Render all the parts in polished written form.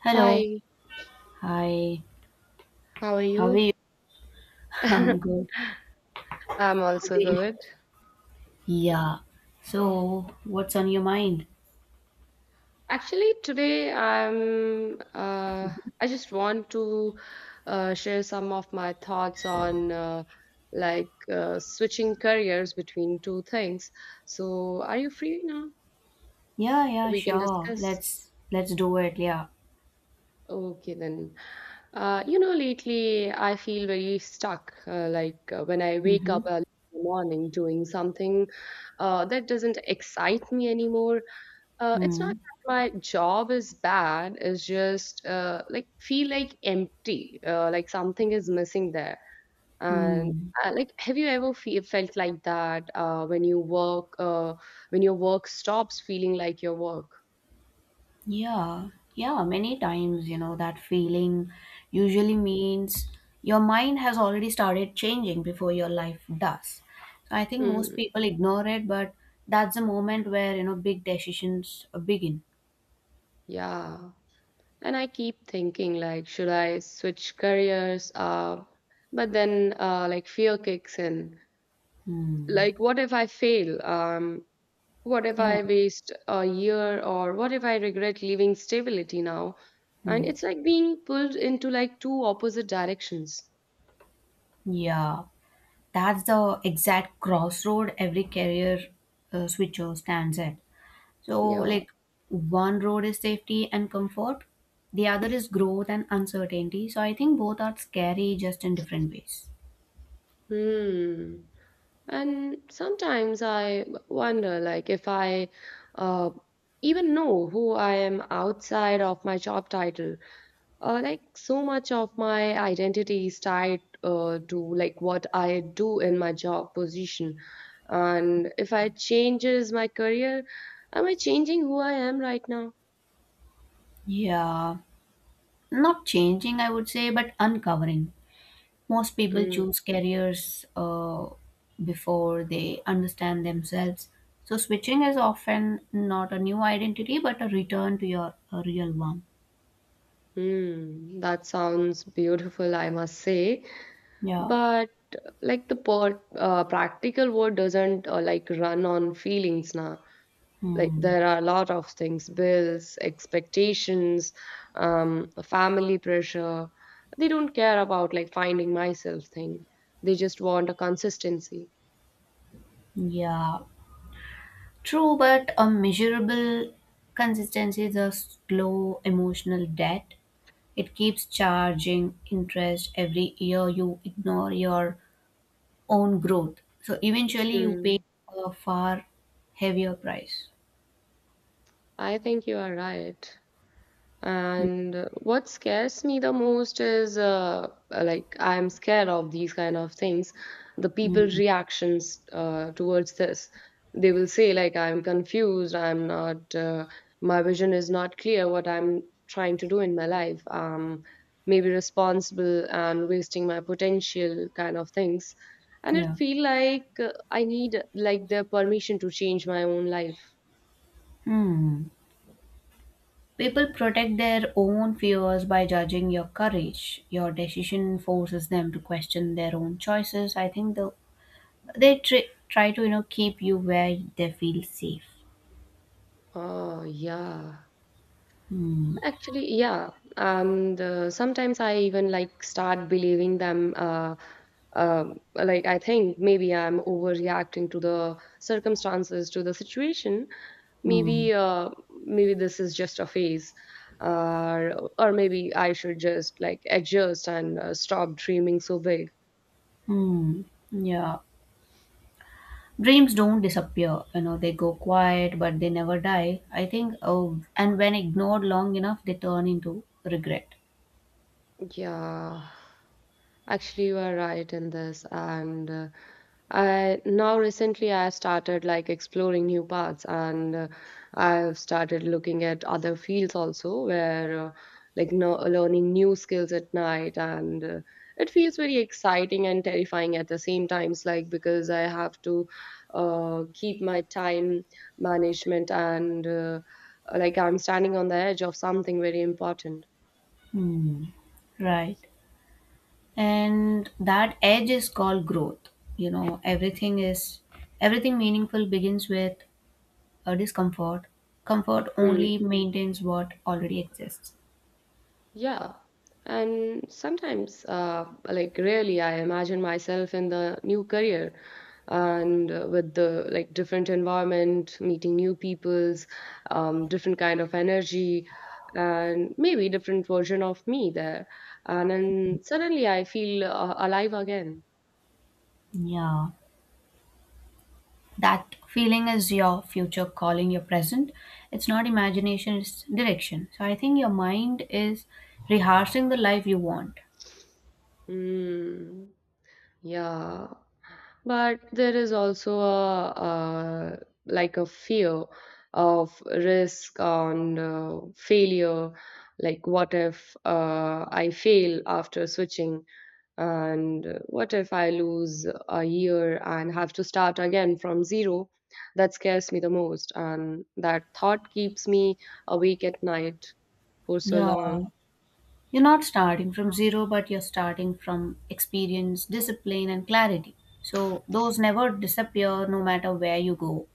Hello. Hi, Hi. how are How are you? you? I'm I'm good. How are also you? good. Yeah. So, what's on your mind? Actually, today I just want to share some of my thoughts on like switching careers between two things. So, are you free now? Yeah, yeah, We can sure. discuss. Let's do it. Yeah. Okay, then. Lately I feel very stuck. Like when I wake Mm-hmm. up early in the morning doing something that doesn't excite me anymore. It's not Mm. that my job is bad, it's just like feel like empty, like something is missing there. And Mm. Like, have you ever fe felt like that when you work, when your work stops feeling like your work? Yeah. Yeah, many times, you know, that feeling usually means your mind has already started changing before your life does. So I think most Mm, people ignore it, but that's the moment where, you know, big decisions begin. yeah. And I keep thinking like, should I switch careers? But then like fear kicks in. Hmm. Like, what if I fail? What if Yeah. I waste a year or what if I regret leaving stability now? And Hmm. it's like being pulled into like two opposite directions. Yeah, that's the exact crossroad every career switcher stands at. So, Yeah. like, one road is safety and comfort, the other is growth and uncertainty. So, I think both are scary just in different ways. Hmm. And sometimes I wonder like if I uh, even know who I am outside of my job title. Like so much of my identity is tied to like what I do in my job position, and if I changes my career, am I changing who I am right now? Yeah, not changing, I would say, but uncovering. Most people Mm. choose careers before they understand themselves. So, switching is often not a new identity, but a return to your a real one. That sounds beautiful, I must say, Yeah. but like the practical world doesn't like run on feelings now. Like, Hmm. there are a lot of things: bills, expectations, family pressure. They don't care about like finding myself thing. They just want a consistency. Yeah, true, but a measurable consistency is a slow emotional debt. It keeps charging interest every year. You ignore your own growth. So eventually, you pay Hmm. a far heavier price. I think you are right. And what scares me the most is like I'm scared of these kind of things, the people's Mm, reactions towards this. They will say like I'm confused, I'm not. My vision is not clear what I'm trying to do in my life. Maybe responsible and wasting my potential kind of things. And it yeah. feel like I need like their permission to change my own life. Hmm. People protect their own fears by judging your courage. Your decision forces them to question their own choices. I think the they try to, you know, keep you where they feel safe. Oh yeah. Hmm. Actually, yeah. Sometimes I even like start believing them. Like I think maybe I'm overreacting to the circumstances, to the situation. Hmm. Maybe, uh, maybe this is just a phase, uh, or maybe I should just like adjust and stop dreaming so big. Hmm. Yeah, dreams don't disappear, you know, they go quiet but they never die, I think. Oh, and when ignored long enough, they turn into regret. Yeah, actually, you are right in this. And I now recently I started like exploring new paths, and I've started looking at other fields also, where like no, learning new skills at night, and it feels very exciting and terrifying at the same times, like because I have to keep my time management and like I'm standing on the edge of something very important. Hmm. Right, and that edge is called growth. You know, everything meaningful begins with a discomfort. Comfort Hmm. only maintains what already exists. Yeah. And sometimes, like really, I imagine myself in the new career and with the like different environment, meeting new peoples, different kind of energy, and maybe different version of me there. And then suddenly I feel alive again. Yeah, that feeling is your future calling your present. It's not imagination, it's direction. So I think your mind is rehearsing the life you want. Mm, yeah. But there is also like a fear of risk on failure. Like, what if I fail after switching? And what if I lose a year and have to start again from zero? That scares me the most. And that thought keeps me awake at night for so Yeah, long. you're not starting from zero, but you're starting from experience, discipline and clarity, so those never disappear no matter where you go.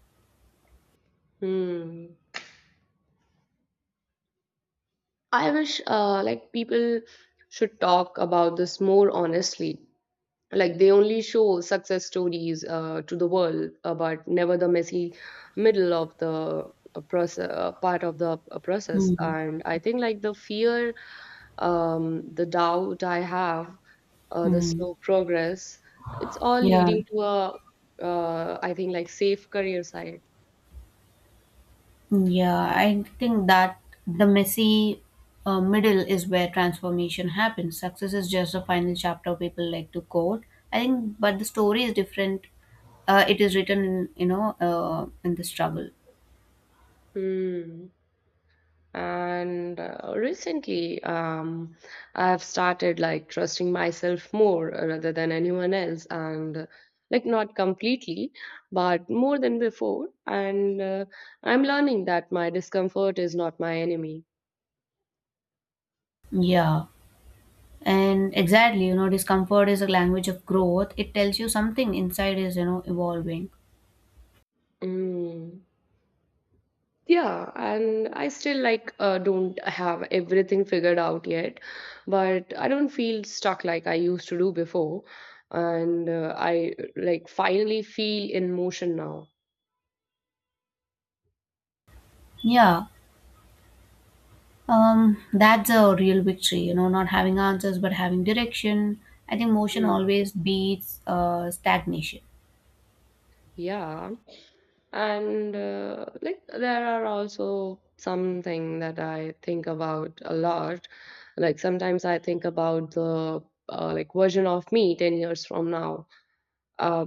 Hmm. I wish like people should talk about this more honestly. Like, they only show success stories to the world but never the messy middle of the process, part of the process. Hmm. And I think like the fear, the doubt I have, the Hmm. slow progress, it's all Yeah. leading to a, I think like safe career side. Yeah, I think that the messy middle is where transformation happens. Success is just the final chapter people like to quote. I think, but the story is different. It is written, in, you know, in the struggle. Hmm. And recently, I've started like trusting myself more rather than anyone else, and like not completely but more than before, and I'm learning that my discomfort is not my enemy. Yeah, and exactly, you know, discomfort is a language of growth. It tells you something inside is, you know, evolving. Mm. Yeah, and I still like don't have everything figured out yet, but I don't feel stuck like I used to do before, and I like finally feel in motion now. Yeah, that's a real victory, you know, not having answers but having direction. I think motion Mm. always beats stagnation. Yeah, and like there are also something that I think about a lot. Like sometimes I think about the like version of me 10 years from now. Uh,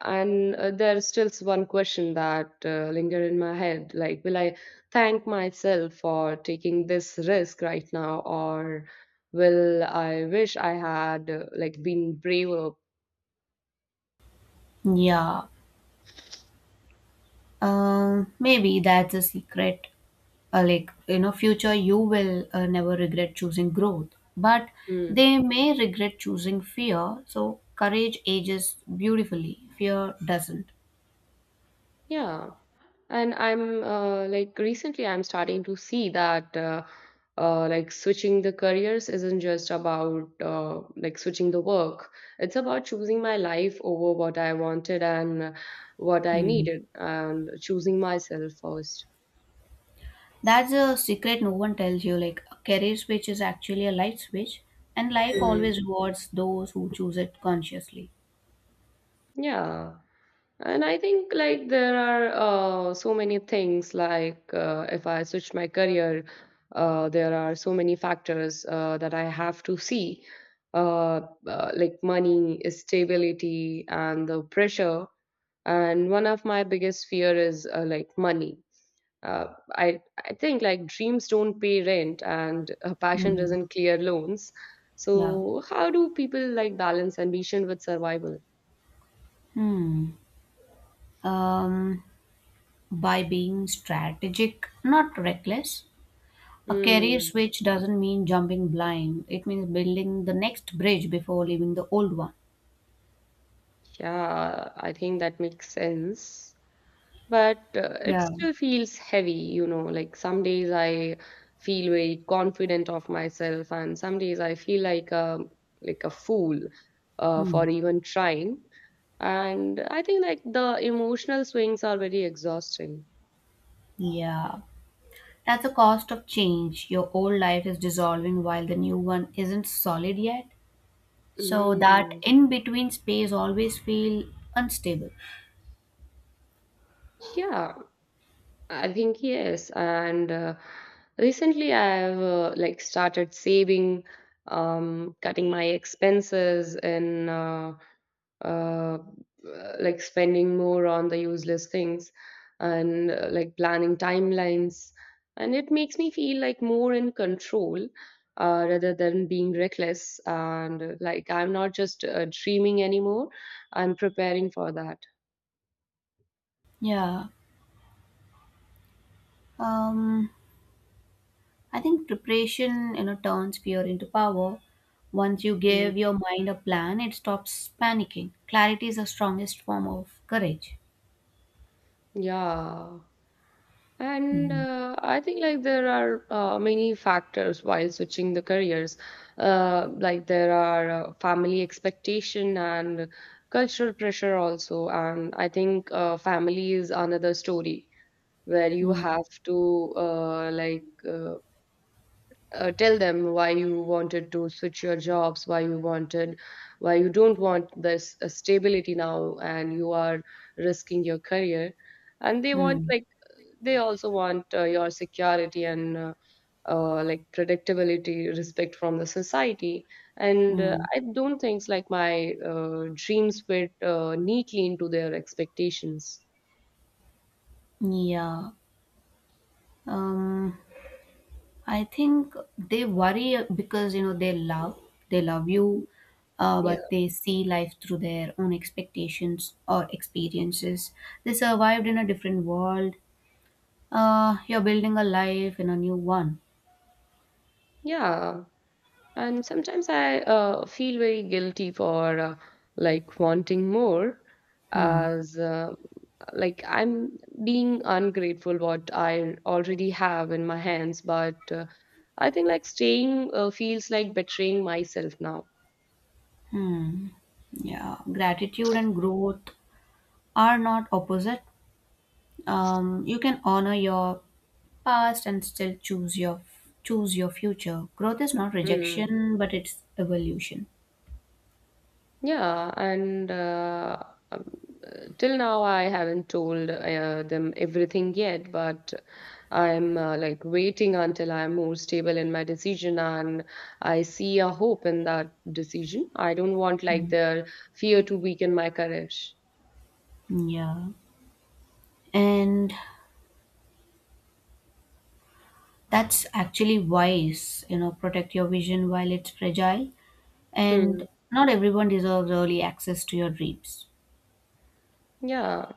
and there's still one question that linger in my head. Like, will I thank myself for taking this risk right now, or will I wish I had like been braver? Yeah, maybe that's a secret. Like, you know, future you will never regret choosing growth, but Hmm. they may regret choosing fear. So, courage ages beautifully, fear doesn't. Yeah, and I'm like recently I'm starting to see that like switching the careers isn't just about like switching the work. It's about choosing my life over what I wanted and what I Hmm. needed, and choosing myself first. That's a secret no one tells you. Like, a career switch is actually a life switch, and life Mm, always rewards those who choose it consciously. yeah. And I think like there are so many things like if I switch my career, there are so many factors that I have to see, uh, like money, stability, and the pressure. And one of my biggest fear is like money. Uh, I I think like dreams don't pay rent and passion Hmm. doesn't clear loans. Yeah. So how do people like balance ambition with survival? Hmm. Um, by being strategic, not reckless. A career Hmm. switch doesn't mean jumping blind. It means building the next bridge before leaving the old one. Yeah, I think that makes sense. But it Yeah. still feels heavy. Like some days I feel very confident of myself, and some days I feel like a fool Hmm. for even trying. And I think like the emotional swings are very exhausting. Yeah. That's the cost of change. Your old life is dissolving while the new one isn't solid yet. So that Mm, in between space always feel unstable. yeah, I think yes, and recently I have like started saving, cutting my expenses, and uh, like spending more on the useless things, and like planning timelines, and it makes me feel like more in control. Rather than being reckless. And like I'm not just dreaming anymore. I'm preparing for that. Yeah. Um I think preparation, you know, turns fear into power. Once you Mm, give your mind a plan, it stops panicking. Clarity is the strongest form of courage. yeah. And Mhm. I think like there are many factors while switching the careers. Like there are family expectation and cultural pressure also. And I think family is another story where you have to like tell them why you wanted to switch your jobs, why you wanted, why you don't want this stability now, and you are risking your career, and they want Mm, like they also want your security and like predictability, respect from the society. And mm. I don't think like my dreams fit neatly into their expectations. Yeah. Um, I think they worry because, you know, they love you, Yeah. but they see life through their own expectations or experiences. They survived in a different world. You're building a life in a new one. Yeah. And sometimes I feel very guilty for like wanting more Hmm. as like I'm being ungrateful what I already have in my hands, but I think like staying feels like betraying myself now. Hmm. Yeah. Gratitude and growth are not opposite. You can honor your past and still choose your future. Growth is not Mm. rejection, but it's evolution. Yeah, and um, till now I haven't told them everything yet, but I'm like waiting until I'm more stable in my decision and I see a hope in that decision. I don't want like their fear to weaken my courage. Yeah, and that's actually wise, you know, protect your vision while it's fragile, Hmm. and not everyone deserves early access to your dreams. Yeah.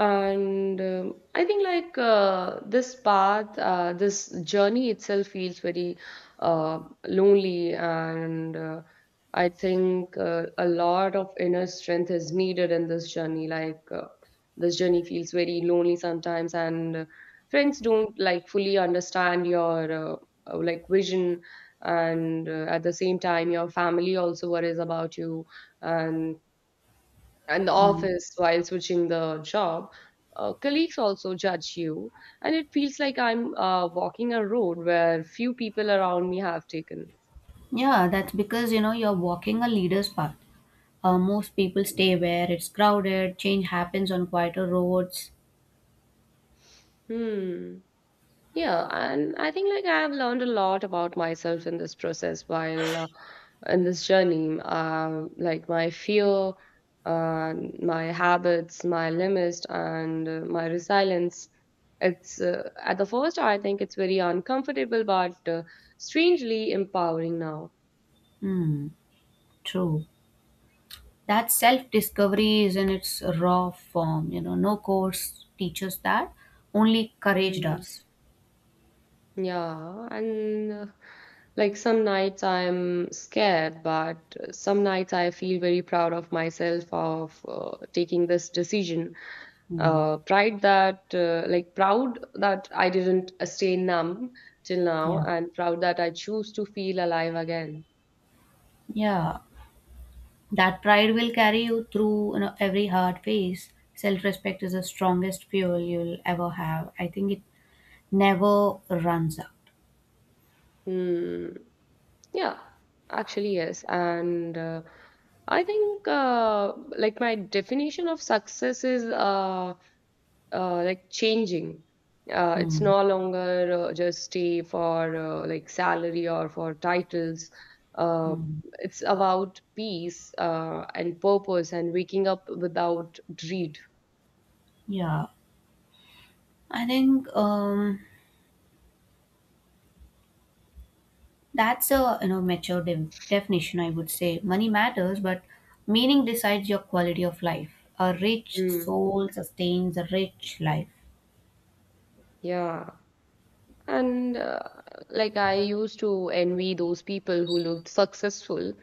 And I think like this path, this journey itself feels very uh, lonely, and I think a lot of inner strength is needed in this journey. Like this journey feels very lonely sometimes, and friends don't like fully understand your like vision, and at the same time your family also worries about you, and and the Mm. office while switching the job. Colleagues also judge you, and it feels like I'm walking a road where few people around me have taken. Yeah, that's because, you know, you're walking a leader's path. Most people stay where it's crowded. Change happens on quieter roads. Hmm. Yeah, and I think like I've learned a lot about myself in this process while in this journey. Like my fear, uh, my habits, my limits, and my resilience. It's at the first, I think it's very uncomfortable, but strangely empowering now. Hmm. True, that self discovery is in its raw form, you know, no course teaches that, only courage Hmm. does. Yeah, and like some nights I'm scared, but some nights I feel very proud of myself of taking this decision. Hmm. Proud that I didn't stay numb till now, Yeah. and proud that I choose to feel alive again. Yeah, that pride will carry you through, you know, every hard phase. Self respect is the strongest fuel you'll ever have, I think. It never runs out. Hmm. Yeah, actually, yes. And I think like my definition of success is like changing. It's Hmm. no longer just stay for like salary or for titles. Uh, Hmm. it's about peace and purpose and waking up without dread. Yeah, I think that's a, you know, mature definition, I would say. Money matters, but meaning decides your quality of life. A rich Mm, soul sustains a rich life. yeah. And like I used to envy those people who looked successful,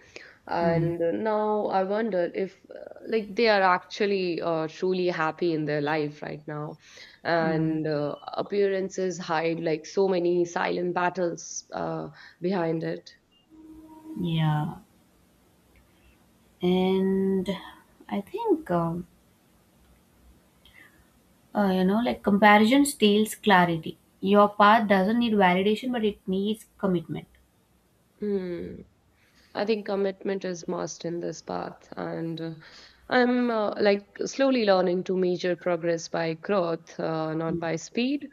Mm. and now I wonder if like they are actually truly happy in their life right now. Mm. And appearances hide like so many silent battles behind it. Yeah, and I think you know, like comparison steals clarity. Your path doesn't need validation, but it needs commitment. Hmm. I think commitment is must in this path, and I'm like slowly learning to measure progress by growth, not by speed.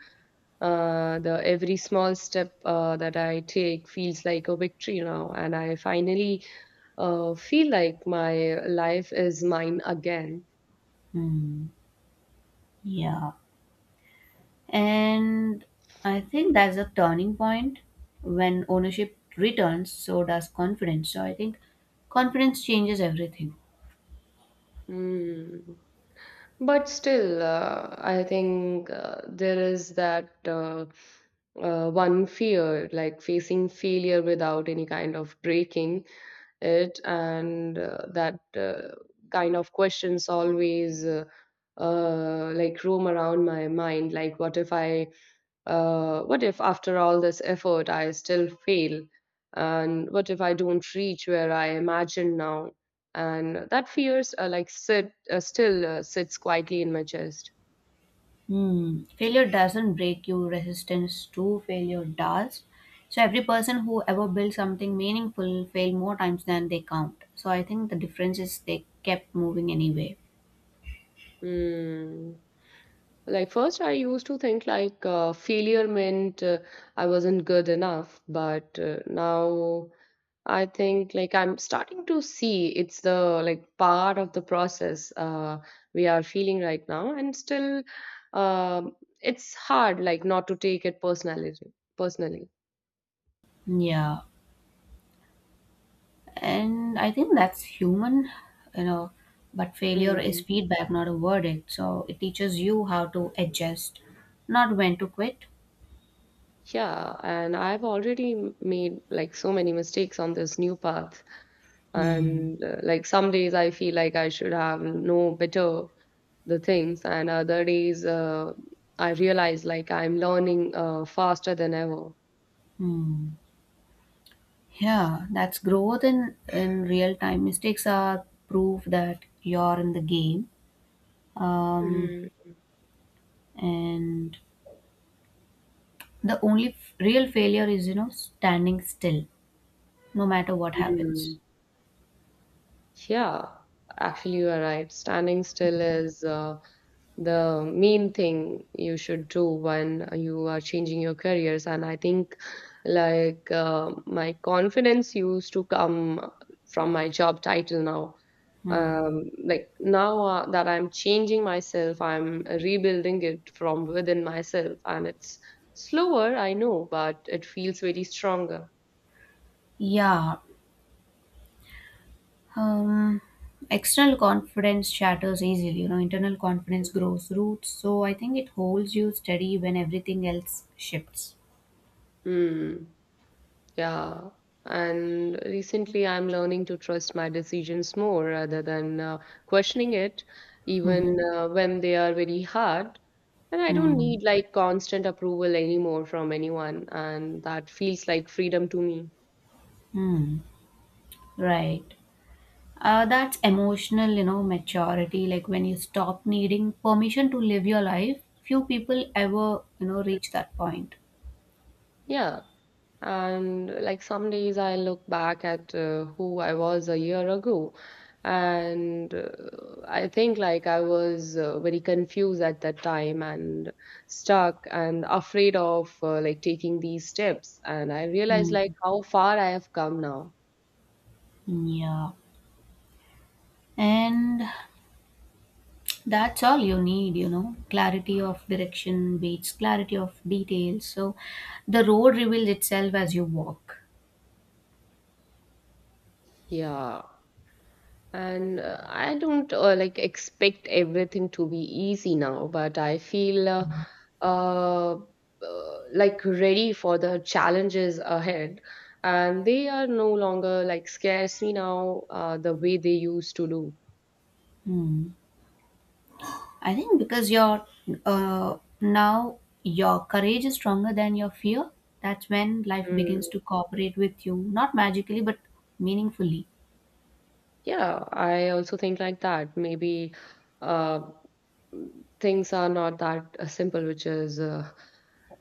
The every small step that I take feels like a victory now, and I finally feel like my life is mine again. Mm. Yeah. And I think that's a turning point. When ownership returns, so does confidence. So I think confidence changes everything. Mm. But still, I think there is that one fear, like facing failure without any kind of breaking it and that kind of questions always like roam around my mind like what if after all this effort I still fail, and what if I don't reach where I imagine now, and that fears like sits quietly in my chest. Hmm. Failure doesn't break you, resistance to failure does. So every person who ever built something meaningful failed more times than they count. So I think the difference is they kept moving anyway. Hmm. Like first, I used to think like failure meant I wasn't good enough, but now I think like I'm starting to see it's the like part of the process we are feeling right now, and still, um, it's hard like not to take it personally. Personally. Yeah, and I think that's human, you know, but failure is Mm. feedback, not a verdict, so it teaches you how to adjust, not when to quit. Yeah, and I've already made like so many mistakes on this new path, Hmm. and like some days I feel like I should have known better the things, and other days I realize like I'm learning faster than ever. Hmm. Yeah, that's growth in real time. Mistakes are proof that you're in the game. um, Mm. and the only real failure is, you know, standing still, no matter what happens. Mm. Yeah, actually you are right, standing still is the main thing you should do when you are changing your careers. And I think like my confidence used to come from my job title now. Hmm. Now that I'm changing myself, I'm rebuilding it from within myself, and it's slower, I know, but it feels very stronger. Yeah, um external confidence shatters easily, you know, internal confidence grows roots, so I think it holds you steady when everything else shifts. Mm. Yeah. And recently, I'm learning to trust my decisions more rather than questioning it, even Mm-hmm. When they are very hard. And I don't mm need like constant approval anymore from anyone. And that feels like freedom to me. Mm. Right, that's emotional, you know, maturity, like when you stop needing permission to live your life. Few people ever, you know, reach that point. Yeah. And like some days I look back at who I was a year ago, and I think like I was very confused at that time, and stuck, and afraid of like taking these steps. And I realized mm like how far I have come now. yeah, and that's all you need, you know. Clarity of direction beats clarity of details. So the road reveals itself as you walk. Yeah. And I don't like expect everything to be easy now, but I feel uh, like ready for the challenges ahead. And they are no longer like scares me now the way they used to do. Hmm. I think because your now your courage is stronger than your fear. That's when life Mm, begins to cooperate with you, not magically but meaningfully. yeah, I also think like that. Maybe uh, things are not that simple which is uh,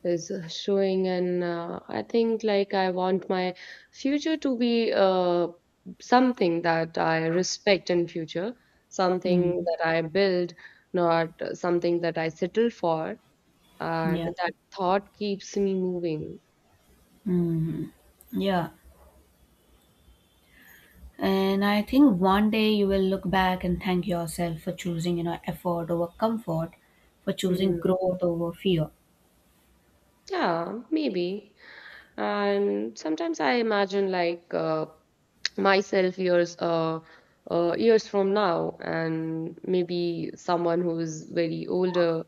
is uh, showing. And I think like I want my future to be something that I respect in future, Hmm. something that I build, not something that I settle for, and Yeah. that thought keeps me moving. Hmm. Yeah. And I think one day you will look back and thank yourself for choosing, you know, effort over comfort, for choosing Hmm. growth over fear. Yeah, maybe. And sometimes I imagine myself years from now, and maybe someone who's very older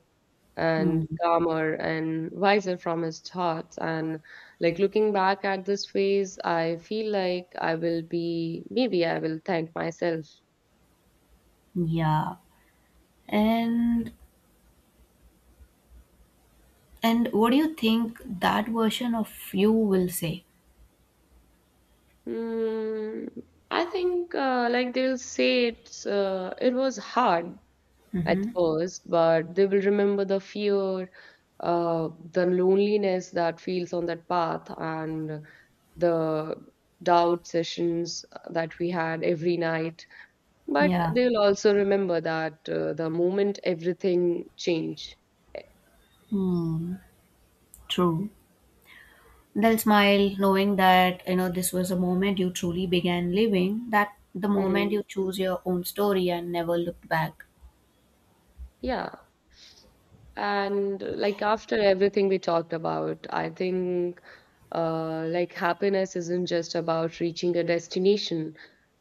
and Hmm. calmer and wiser from his thoughts, and like looking back at this phase, I feel like I will be, maybe I will thank myself. Yeah. And what do you think that version of you will say? Mm, I think like they'll say it was hard at first, but they will remember the fear, the loneliness that feels on that path, and the doubt sessions that we had every night. But Yeah. they'll also remember that the moment everything changed. Hmm. True. They'll smile knowing that, you know, this was a moment you truly began living, that the moment Hmm. you choose your own story and never looked back. Yeah. And like after everything we talked about, I think like happiness isn't just about reaching a destination,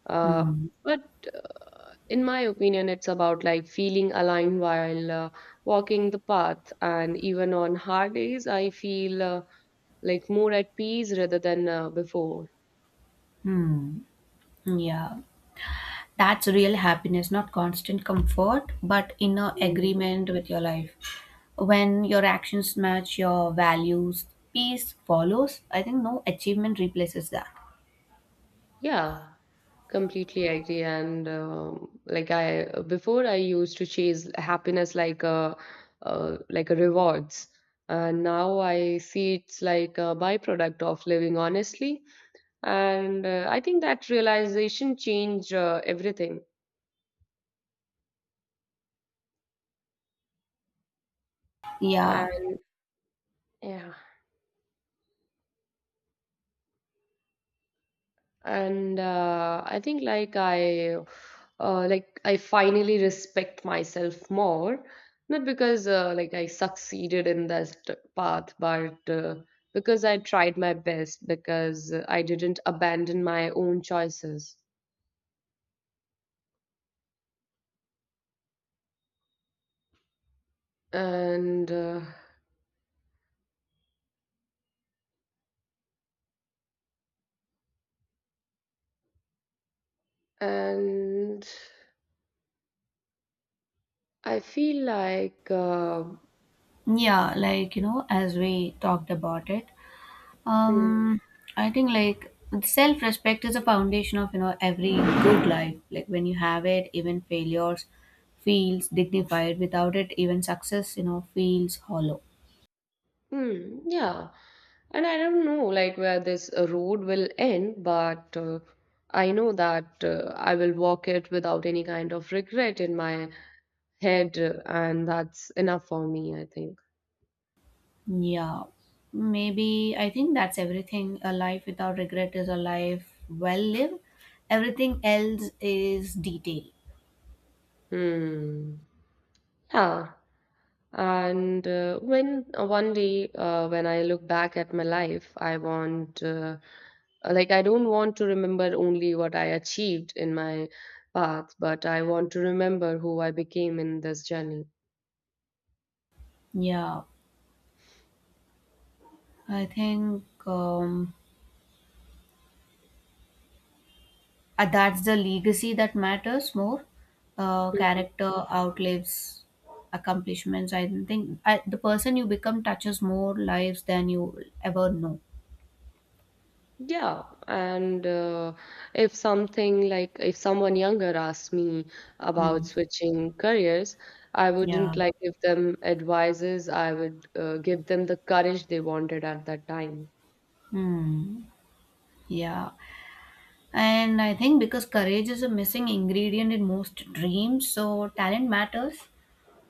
uh, Hmm. but in my opinion it's about like feeling aligned while walking the path. And even on hard days I feel like more at peace rather than before. Hmm. Yeah. That's real happiness, not constant comfort, but inner Mm. agreement with your life. When your actions match your values, peace follows. I think no achievement replaces that. Yeah, completely agree. And like I, before I used to chase happiness like a rewards, and now I see it's like a byproduct of living honestly. And I think that realization changed everything. Yeah. And yeah. And I think like I like I finally respect myself more, not because like I succeeded in that path, but because I tried my best, because I didn't abandon my own choices. And uh, and I feel like Yeah, like, you know, as we talked about it, hmm, um, I think like self-respect is a foundation of, you know, every good life. Like when you have it, even failures feels dignified. Without it, even success, you know, feels hollow. hmm, yeah. And I don't know like where this road will end, but I know that I will walk it without any kind of regret in my head, and that's enough for me, I think. Yeah, maybe I think that's everything. A life without regret is a life well lived. Everything else is detail. Hmm. Yeah. And when one day when I look back at my life, I want like I don't want to remember only what I achieved in my path, but I want to remember who I became in this journey. Yeah, I think that's the legacy that matters more. Hmm. Character outlives accomplishments. I don't think the person you become touches more lives than you ever know. Yeah, and if something, like if someone younger asked me about Hmm. switching careers, I Yeah. wouldn't like give them advices. I would give them the courage they wanted at that time. Hmm. Yeah. And I think because courage is a missing ingredient in most dreams, so talent matters,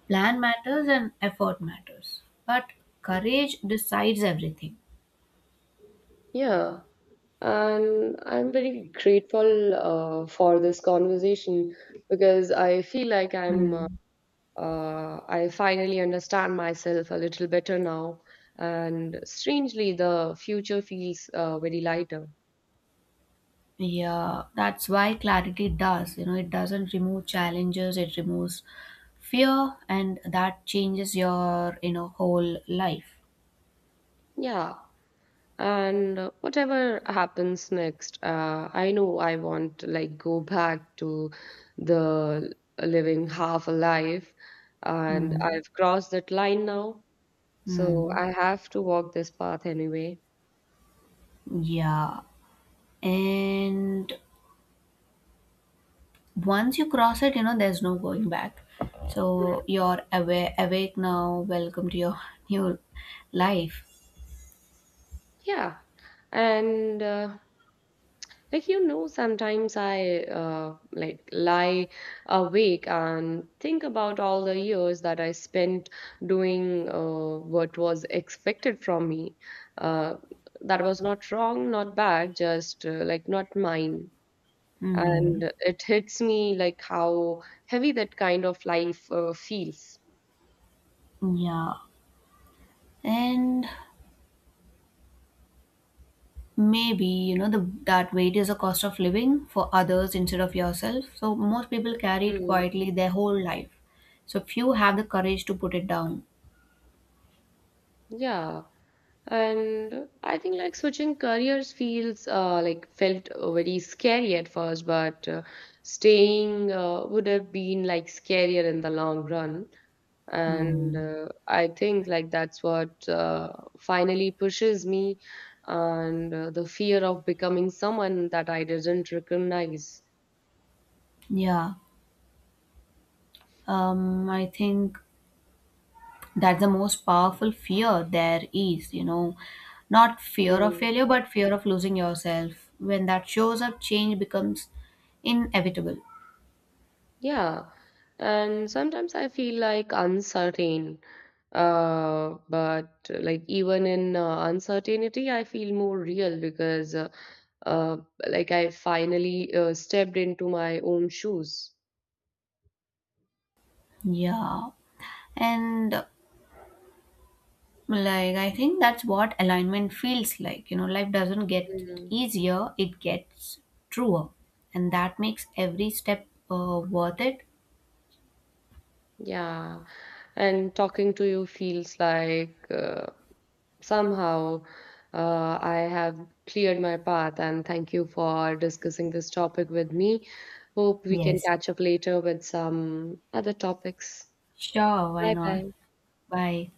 plan matters, and effort matters. But courage decides everything. Yeah, and I'm very grateful for this conversation because I feel like I'm Hmm. I finally understand myself a little better now, and strangely, the future feels very lighter. Yeah, that's why clarity does. You know, it doesn't remove challenges, it removes fear, and that changes your, you know, whole life. Yeah. And whatever happens next, I know I want to like go back to the living half alive, and Hmm. I've crossed that line now, so Hmm. I have to walk this path anyway. Yeah. And once you cross it, you know, there's no going back, so you're aware awake now. Welcome to your new life. Yeah. And like you know sometimes I like lie awake and think about all the years that I spent doing what was expected from me, uh, that was not wrong, not bad, just like not mine. Hmm. And it hits me like how heavy that kind of life feels. Yeah. And maybe, you know, the that weight is a cost of living for others instead of yourself. So most people carry it Mm, quietly their whole life. So few have the courage to put it down. yeah. And I think like switching careers feels like felt very scary at first, but staying would have been like scarier in the long run. And Hmm. I think like that's what finally pushes me, and the fear of becoming someone that I didn't recognize. Yeah. I think that's the most powerful fear there is, you know, not fear of Mm. failure but fear of losing yourself. When that shows up, change becomes inevitable. Yeah. And sometimes I feel like uncertain. But like even in uncertainty, I feel more real because uh, like I finally stepped into my own shoes. Yeah, and like I think that's what alignment feels like, you know. Life doesn't get Mm, easier, it gets truer, and that makes every step worth it. yeah, and talking to you feels like somehow I have cleared my path, and thank you for discussing this topic with me. Hope we can Yes, catch up later with some other topics. sure, why Bye not. bye. Bye.